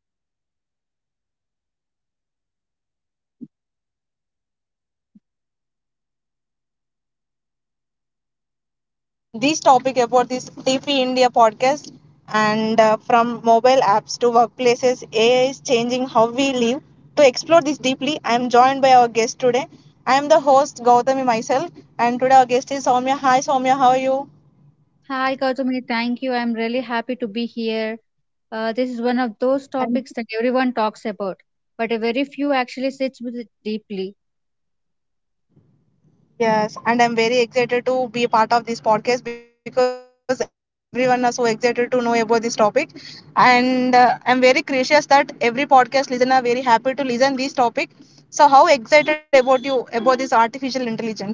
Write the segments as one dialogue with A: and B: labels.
A: Hey, hello, hi, welcome to today's podcast. We are talking about something that's everywhere but still mysterious, like an artificial intelligence. I'm very excited to topic this topic about this TP India podcast and from mobile apps to workplaces, AI is changing how we live. To explore this deeply, I am joined by our guest today. I am the host Gautami myself, and today our guest is Soumya. Hi, Soumya, how are you?
B: Hi, Gautami. Thank you. I'm really happy to be here. This is one of those topics that everyone talks about, but a very few actually sits with it deeply.
A: Yes, and I'm very excited to be a part of this podcast because everyone is so excited to know about this topic, and I'm very gracious that every podcast listener very happy to listen this topic. So, how excited about you about this artificial intelligence?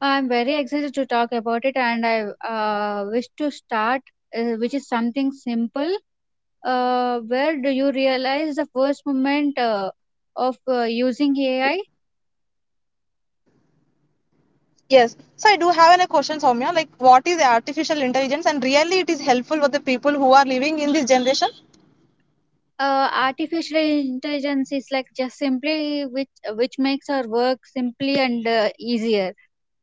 B: I'm very excited to talk about it, and I wish to start, which is something simple. Where do you realize the first moment of using AI?
A: Yes, so I do have a question, Soumya. Like, what is artificial intelligence, and really, it is helpful for the people who are living in this generation?
B: Artificial intelligence is like just simply which makes our work simply and easier.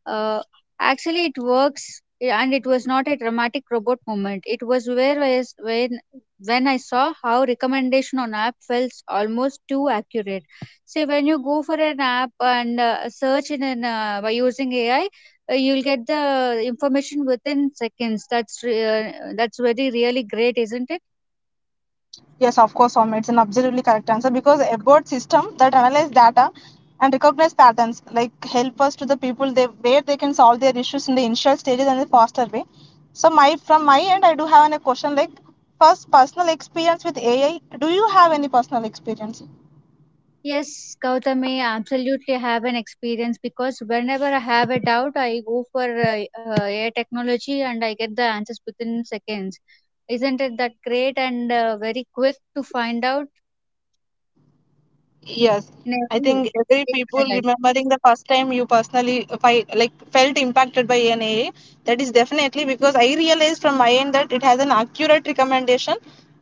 B: Uh, Actually, it works, and it was not a dramatic robot moment. It was where was when I saw how recommendation on app felt almost too accurate. Say when you go for an app and search in an by using AI, you'll get the information within seconds. That's very really great, isn't it?
A: Yes, of course, Om. It's an absolutely correct answer because a board system that analyze data and recognize patterns like help us to the people they where they can solve their issues in the initial stages and the faster way. So my from my end, I do have a question like first personal experience with AI. Do you have any personal experience?
B: Yes, Gautami, I absolutely have an experience because whenever I have a doubt, I go for AI technology and I get the answers within seconds. Isn't it that great and very quick to find out
A: Yes,
B: in
A: I
B: every
A: think every people
B: day-to-day life?
A: remembering the first time you personally like felt impacted by an AA, that is definitely because I realized from my end that it has an accurate recommendation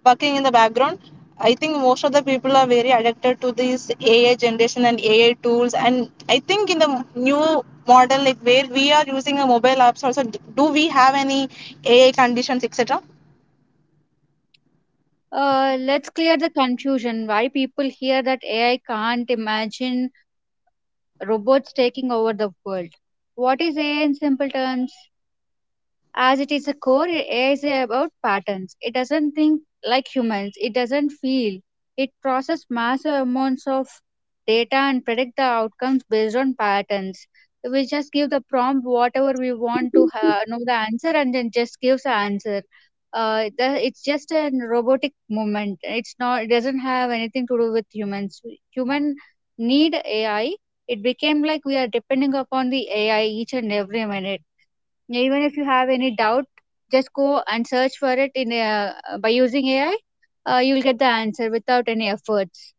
A: working in the background. I think most of the people are very addicted to this AA generation and AA tools, and I think in the new model like where we are using a mobile apps also, do we have any AA conditions etc.
B: Let's clear the confusion. Why people hear that AI can't imagine robots taking over the world? What is AI in simple terms? As it is a core, AI is about patterns. It doesn't think like humans, it doesn't feel. It processes massive amounts of data and predict the outcomes based on patterns. So, we just give the prompt whatever we want to know the answer and then just gives the answer. It's just a robotic movement. It's not. It doesn't have anything to do with humans. Human need AI. It became like we are depending upon the AI each and every minute, yeah. Even if you have any doubt, just go and search for it in by using AI. You'll get the answer without any efforts.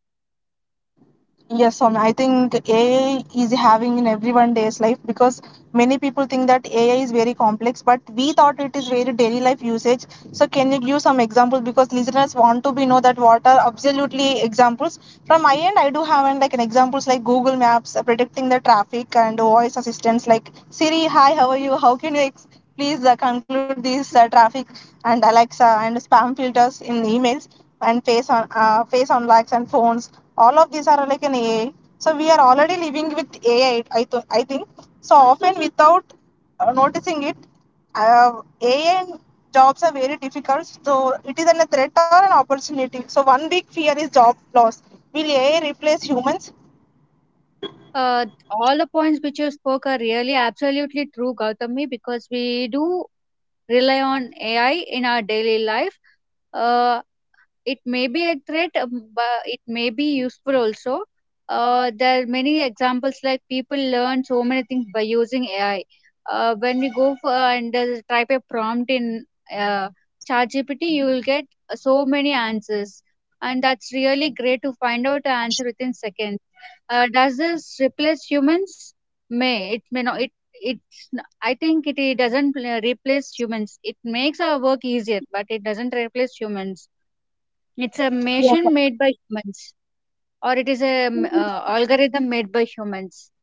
A: Yes, Soumya, I think AI is having in everyone day's life because many people think that AI is very complex, but we thought it is very daily life usage. So can you give some examples because listeners want to be know that what are absolutely examples. From my end, I do have an, like an examples like Google Maps predicting the traffic and voice assistants like Siri, hi, how are you? How can you please conclude this traffic and Alexa and spam filters in emails and face on face on likes and phones, all of these are like an AI. So we are already living with AI. I think so often without noticing it. uh, AI and jobs are very difficult, so it is an, a threat or an opportunity. So one big fear is job loss. Will AI replace humans?
B: All the points which you spoke are really absolutely true, Gautami, because we do rely on AI in our daily life. Uh, it may be a threat, but it may be useful also. There are many examples like people learn so many things by using AI. When we go for and type a prompt in uh, ChatGPT, you will get so many answers, and that's really great to find out the answer within seconds. Does this replace humans? May it may not. I think it doesn't replace humans. It makes our work easier, but it doesn't replace humans. It's a machine made by humans, or it is a algorithm made by humans.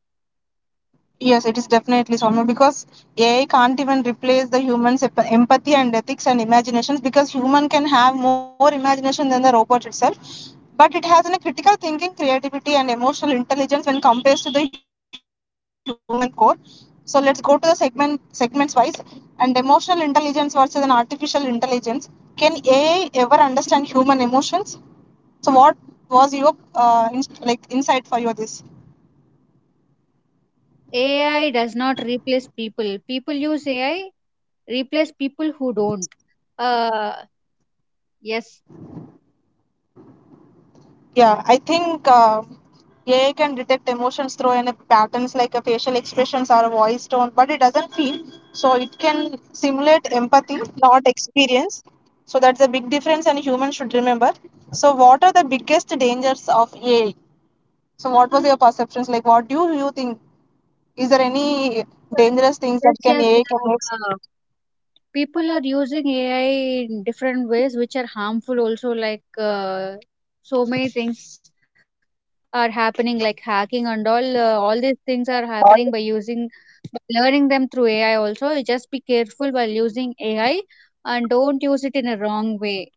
A: Yes, it is definitely Soumya because AI can't even replace the human's empathy and ethics and imaginations because human can have more imagination than the robot itself. But it has a critical thinking, creativity, and emotional intelligence when compared to the human core. So let's go to the segments wise and emotional intelligence versus an artificial intelligence. Can AI ever understand human emotions? So what was your like insight for your this?
B: AI does not replace people. People use AI, replace people who don't. Uh, yes,
A: Yeah, I think AI can detect emotions through any patterns like a facial expressions or a voice tone, but it doesn't feel. So it can simulate empathy, not experience. So that's a big difference, and humans should remember. So what are the biggest dangers of AI? So what was your perceptions like? What do you think? Is there any dangerous things
B: yes,
A: that can
B: yes.
A: AI can make?
B: People are using AI in different ways, which are harmful also. Like so many things are happening, like hacking and all. All these things are happening by using, by learning them through AI. Also, you just be careful while using AI and don't use it in a wrong way.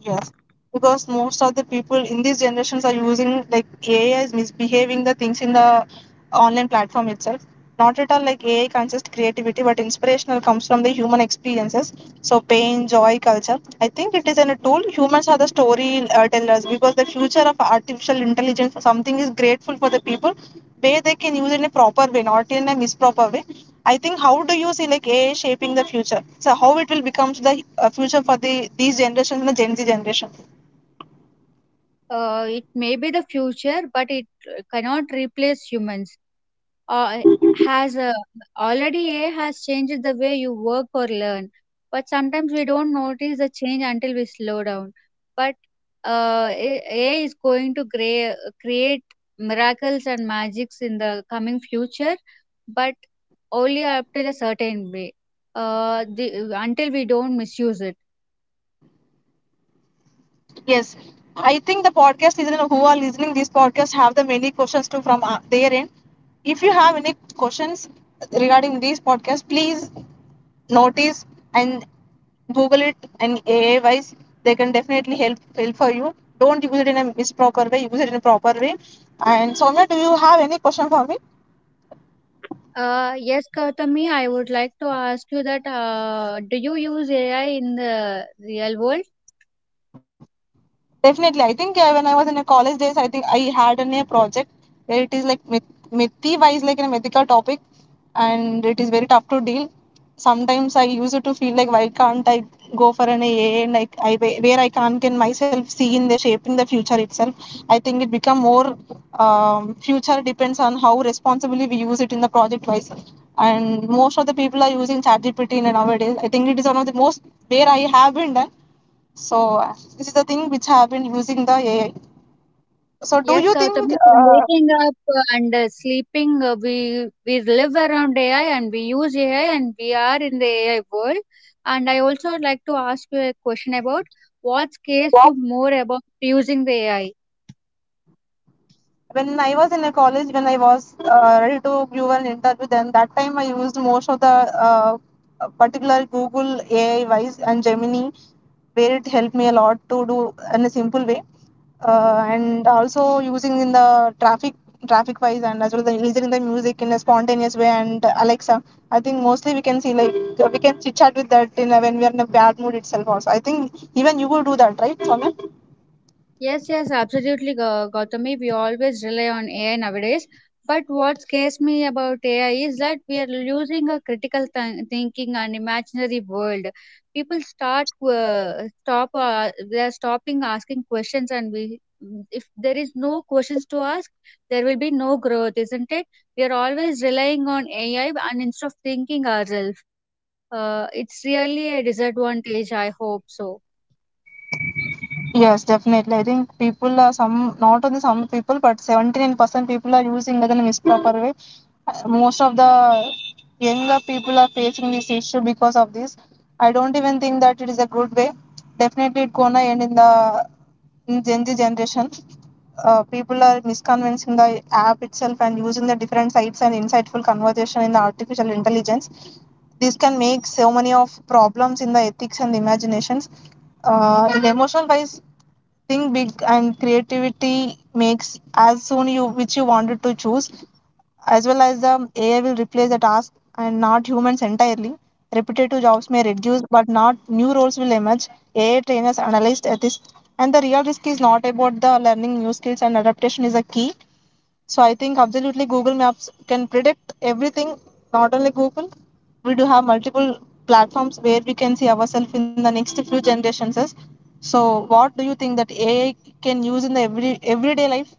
A: Yes, because most of the people in these generations are using like AI is misbehaving the things in the online platform itself. Not at all like AI can just creativity, but inspirational comes from the human experiences. So pain, joy, culture. I think it is an, a tool. Humans are the story tellers because the future of artificial intelligence, something is grateful for the people where they can use it in a proper way, not in a misproper way. I think how do you see like AI shaping the future? So how it will become the future for the these generations and the Gen Z generation?
B: It may be the future, but it cannot replace humans. Uh, has Already AI has changed the way you work or learn, but sometimes we don't notice the change until we slow down. But AI is going to create miracles and magics in the coming future, but only up till a certain way. Until we don't misuse it.
A: Yes, I think the podcast listener who are listening this podcast have the many questions too from their end. If you have any questions regarding this podcast, please notice and google it, and AI wise they can definitely help for you. Don't use it in a misproper way, use it in a proper way. And Soumya, do you have any question for me?
B: Yes, Gautami, I would like to ask you that, do you use AI in the real world?
A: Definitely, I think yeah, when I was in a college days, I think I had an, a project where it is like mythi wise, like in a mythical topic, and it is very tough to deal. Sometimes I used to feel like why can't I go for an A? A and like I where I can't can myself see in the shape in the future itself. I think it become more future depends on how responsibly we use it in the project wise. And most of the people are using ChatGPT in a nowadays. I think it is one of the most where I have been done. So this is the thing which I have been using the AI. So do
B: Yes,
A: you
B: Gautam,
A: think
B: from waking up and sleeping, we live around AI and we use AI and we are in the AI world. And I also would like to ask you a question about, what scares you more about using the AI?
A: when I was in a college, when I was ready to give an interview, then that time I used most of the uh, particular Google AI wise and Gemini, where it helped me a lot to do in a simple way, and also using in the traffic wise and as well the using the music in a spontaneous way and Alexa. I think mostly we can see like we can chit chat with that in a, when we are in a bad mood itself. Also, I think even you will do that, right, Soumya?
B: Yes, yes, absolutely, Gautami. We always rely on AI nowadays. But what scares me about AI is that we are losing a critical thinking and imaginary world. People start stop. They are stopping asking questions, and if there is no questions to ask, there will be no growth, isn't it? We are always relying on AI, and instead of thinking ourselves, it's really a disadvantage. I hope so.
A: Yes, definitely. I think people are some, not only some people, but 79% people are using it in a misproper way. Most of the younger people are facing this issue because of this. I don't even think that it is a good way. Definitely, it gonna end in the in Gen Z generation. People are misconvincing the app itself and using the different sites and insightful conversation in the artificial intelligence. This can make so many of problems in the ethics and imaginations, in the emotional wise. Think big and creativity makes as soon you which you wanted to choose, as well as the AI will replace the task and not humans entirely. Repetitive jobs may reduce, but not new roles will emerge. AI trainers analyzed at this, and the real risk is not about the learning new skills, and adaptation is a key. So I think absolutely Google Maps can predict everything, not only Google. We do have multiple platforms where we can see ourselves in the next few generations. So what do you think that AI can use in the every everyday life?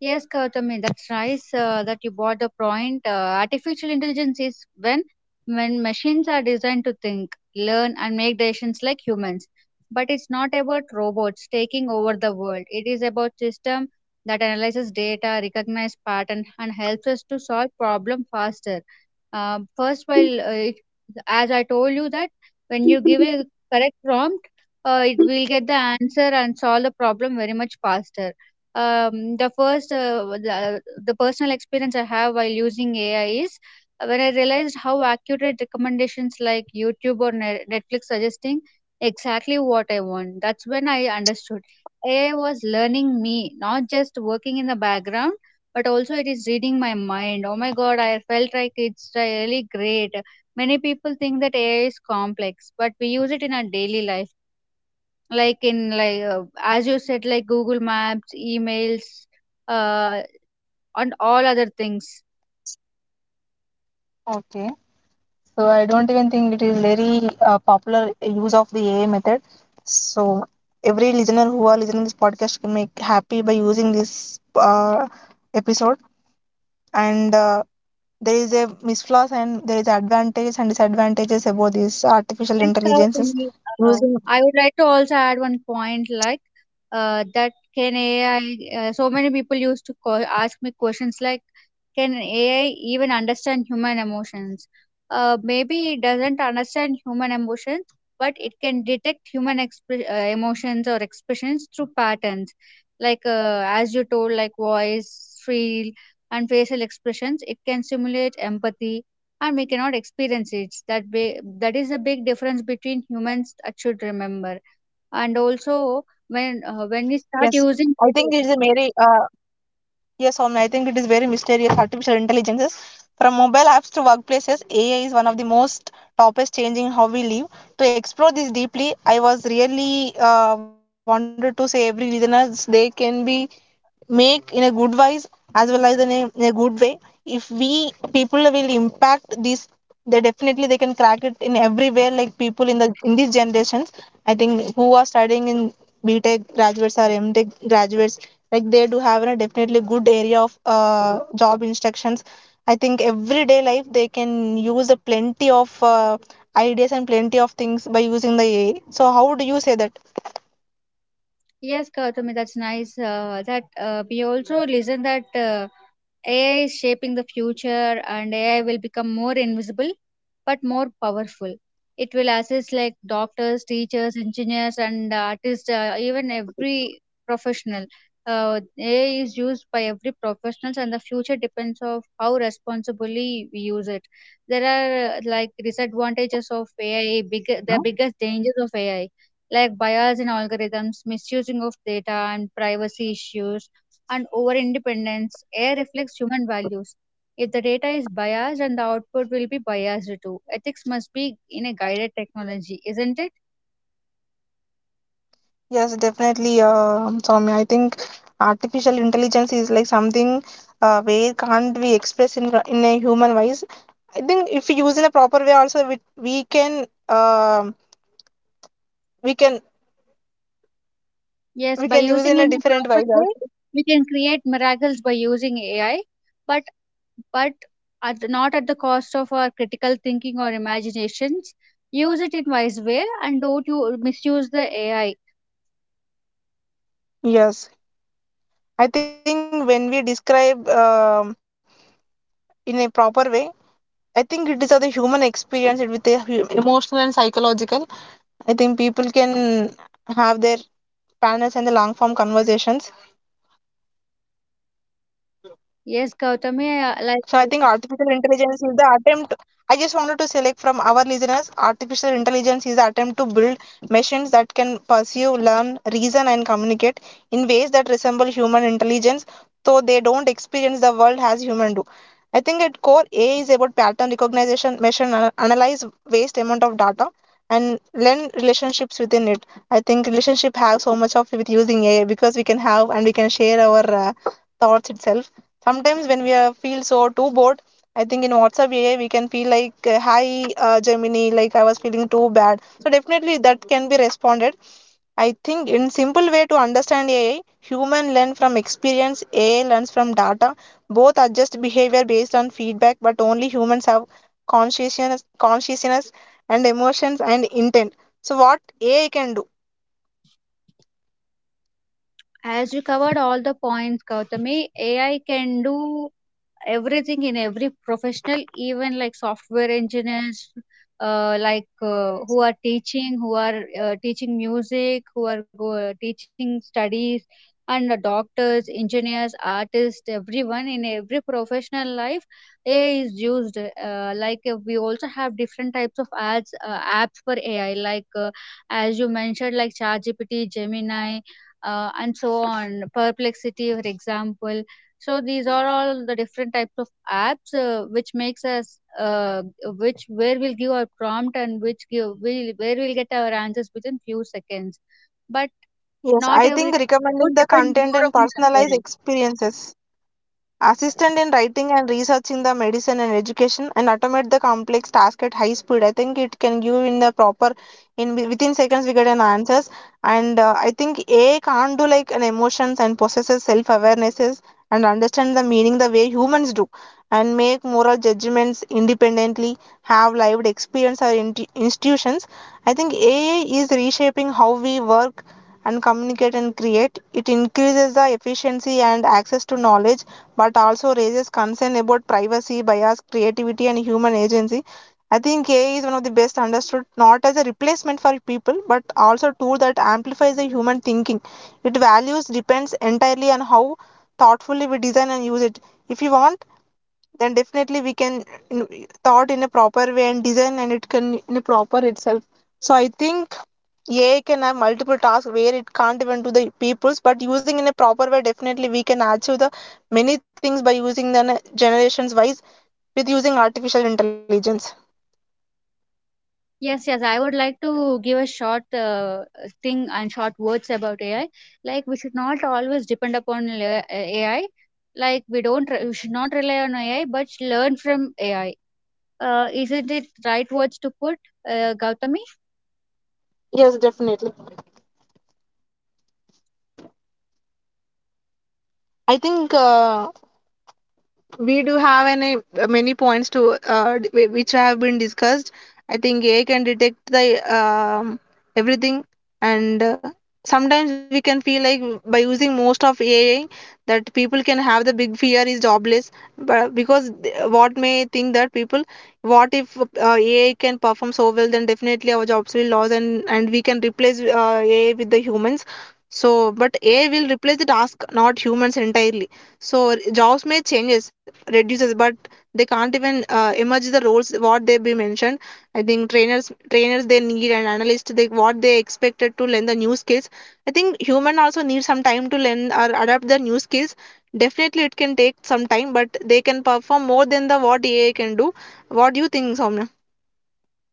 B: Yes, Gautami, that's nice that you brought the point. Artificial intelligence is when machines are designed to think, learn, and make decisions like humans. But it's not about robots taking over the world. It is about system that analyzes data, recognize pattern, and helps us to solve problem faster. First, as I told you that when you give a correct prompt, it will get the answer and solve the problem very much faster. The the personal experience I have while using AI is when I realized how accurate recommendations like YouTube or Netflix suggesting exactly what I want, that's when I understood AI was learning me, not just working in the background, but also it is reading my mind. Oh my god, I felt like it's really great. Many people think that AI is complex, but we use it in our daily life, like as you said, like Google Maps, emails, uh, and all other things.
A: Okay, so I don't even think it is very popular use of the AI method. So every listener who are listening this podcast can make happy by using this episode. And there is a misflaws and there is advantages and disadvantages about these artificial
B: Friends
A: intelligences
B: company, uh,
A: using.
B: I would like to also add one point like that, can AI, so many people used to call, ask me questions like, can AI even understand human emotions? Maybe it doesn't understand human emotions, but it can detect human emotions or expressions through patterns, like as you told, like voice, feel, and facial expressions. It can simulate empathy and we cannot experience it, that is a big difference between humans that should remember. And also
A: Yes,
B: when we
A: I
B: start
A: think it is
B: using
A: a
B: it,
A: very yes Omni, I think it is very mysterious artificial intelligences. From mobile apps to workplaces, AI is one of the most topics changing how we live. To explore this deeply, I was really wanted to say every listeners they can be make in a good wise, as well as in a good way. If we people will impact these, they definitely they can crack it in everywhere, like people in the in these generations. I think who are studying in BTech graduates or MTech graduates, like they do have a definitely good area of job instructions. I think everyday life they can use a plenty of ideas and plenty of things by using the AI. So how do you say that?
B: yes Kautami, that's nice that we also listen that AI is shaping the future and AI will become more invisible but more powerful. It will assist like doctors, teachers, engineers, and artists, even every professional. AI is used by every professionals, and the future depends of how responsibly we use it. There are like disadvantages of AI, the biggest dangers of AI, like bias in algorithms, misusing of data, and privacy issues and over independence. AI reflects human values. If the data is biased, and the output will be biased too. Ethics must be in a guided technology, isn't it?
A: Yes, definitely, Soumya. I think artificial intelligence is like something where can't be expressed in in a human voice. I think if we use in a proper way, also we can we can
B: Yes,
A: we
B: by
A: can use
B: using
A: in
B: in
A: a
B: a
A: different
B: proper
A: voice
B: way,
A: also.
B: we can create miracles by using AI, but but at, not at the cost of our critical thinking or imaginations. Use it in wise way and don't you misuse the AI.
A: Yes, I think when we describe in a proper way, I think it is of the human experience it with the emotional and psychological. I think people can have their panels and the long form conversations.
B: Yes, Gautami, like
A: So I think artificial intelligence is the attempt. I just wanted to select from our listeners. Artificial intelligence is the attempt to build machines that can pursue, learn, reason, and communicate in ways that resemble human intelligence, though they don't experience the world as human do. I think at core, AI is about pattern recognition, measure, and analyze vast amount of data, and learn relationships within it. I think relationship have so much of with using AI because we can have and we can share our thoughts itself sometimes when we are, feel so too bored. I think in WhatsApp AI we can feel like hi Gemini, like I was feeling too bad, so definitely that can be responded. I think in simple way to understand AI, human learn from experience, AI learns from data. Both adjust behavior based on feedback, but only humans have consciousness, and emotions and intent. So what AI can do?
B: as you covered all the points, Gautami, AI can do everything in every professional, even like software engineers, who are teaching music, who are teaching studies, and the doctors, engineers, artists, everyone in every professional life, AI is used. We also have different types of ads, apps for AI, like as you mentioned, like ChatGPT, Gemini. And so on, perplexity, for example, so these are all the different types of apps which makes us which where we'll give our prompt and which give we where we'll get our answers within few seconds. But
A: Yes,
B: not
A: I think
B: every time. It
A: recommending
B: would
A: the
B: depend
A: content
B: more
A: and
B: on
A: personalized
B: the,
A: experiences, assistant in writing and research in the medicine and education, and automate the complex task at high speed. I think it can give in the proper, within seconds we get an answers. And I think AI can't do like an emotions and possesses self-awarenesses and understand the meaning the way humans do, and make moral judgments independently, have lived experience or institutions. I think AI is reshaping how we work and communicate and create. It increases the efficiency and access to knowledge, but also raises concern about privacy, bias, creativity, and human agency. I think AI is one of the best understood not as a replacement for people, but also a tool that amplifies the human thinking. Its values depends entirely on how thoughtfully we design and use it. If you want, then definitely we can, in- thought in a proper way and design, and it can in a proper itself. So I think AI can have multiple tasks where it can't even do the people's, but using in a proper way, definitely we can achieve the many things by using the generations wise with using artificial intelligence.
B: yes, yes. I would like to give a short thing and short words about AI. Like we should not always depend upon AI. Like we don't re- we should not rely on AI, but learn from AI. Isn't it right words to put, Gautami?
A: Yes, definitely. I think we do have any many points to which have been discussed. I think AI can detect the um, everything. And sometimes we can feel like by using most of AI that people can have the big fear is jobless. But because what may think that people, what if AI can perform so well, then definitely our jobs will lose, and we can replace AI with the humans. So but AI will replace the task, not humans entirely. So jobs may changes, reduces, but they can't even emerge the roles what they be mentioned. I think trainers they need, and analysts they what they expected to learn the new skills. I think human also need some time to learn or adapt the new skills. Definitely it can take some time, but they can perform more than the what AI can do. What do you think, Soumya?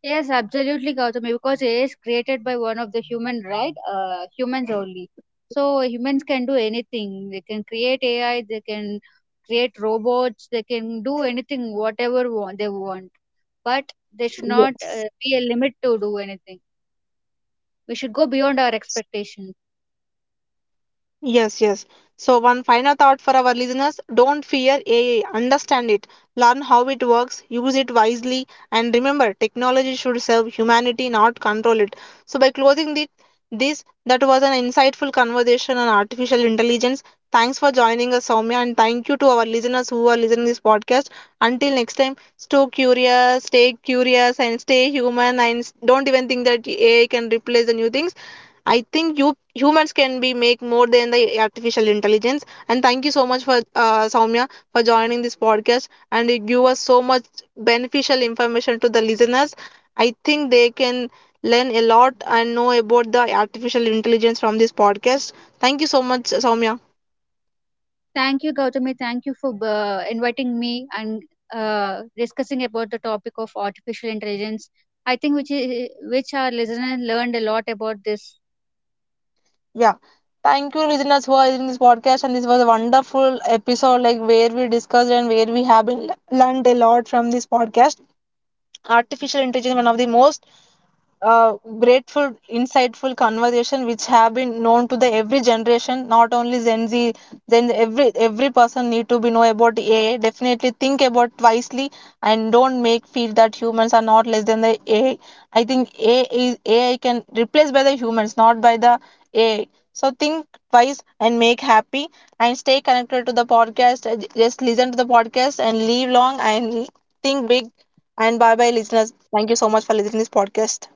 B: Yes, absolutely, Gautami, because AI is created by one of the human, right? Humans only. So humans can do anything. They can create AI, they can create robots, they can do anything, whatever want, they want. But there should not be a limit to do anything. We should go beyond our expectations.
A: Yes, yes. So one final thought for our listeners: don't fear AI, understand it, learn how it works, use it wisely, and remember technology should serve humanity, not control it. So by closing this, that was an insightful conversation on artificial intelligence. Thanks for joining us, Soumya, and thank you to our listeners who are listening this podcast. Until next time, stay curious, and stay human, and don't even think that AI can replace the new things. I think you humans can be make more than the artificial intelligence. And thank you so much for Soumya for joining this podcast, and you give us so much beneficial information to the listeners. I think they can learn a lot and know about the artificial intelligence from this podcast. Thank you so much, Soumya.
B: Thank you, Gautami. Thank you for inviting me and discussing about the topic of artificial intelligence. I think which which our listeners learned a lot about this
A: Yeah. Thank you, listeners, for listening this podcast. And this was a wonderful episode, like where we discussed and where we have been learned a lot from this podcast. Artificial intelligence, one of the most uh, grateful, insightful conversation which have been known to the every generation, not only Gen Z. Then every person need to be know about AI. Definitely think about wisely, and don't make feel that humans are not less than the AI. Think AI is, AI can replace by the humans, not by the AI. So think twice and make happy and stay connected to the podcast. Just listen to the podcast and live long and think big. And bye bye listeners. Thank you so much for listening to this podcast.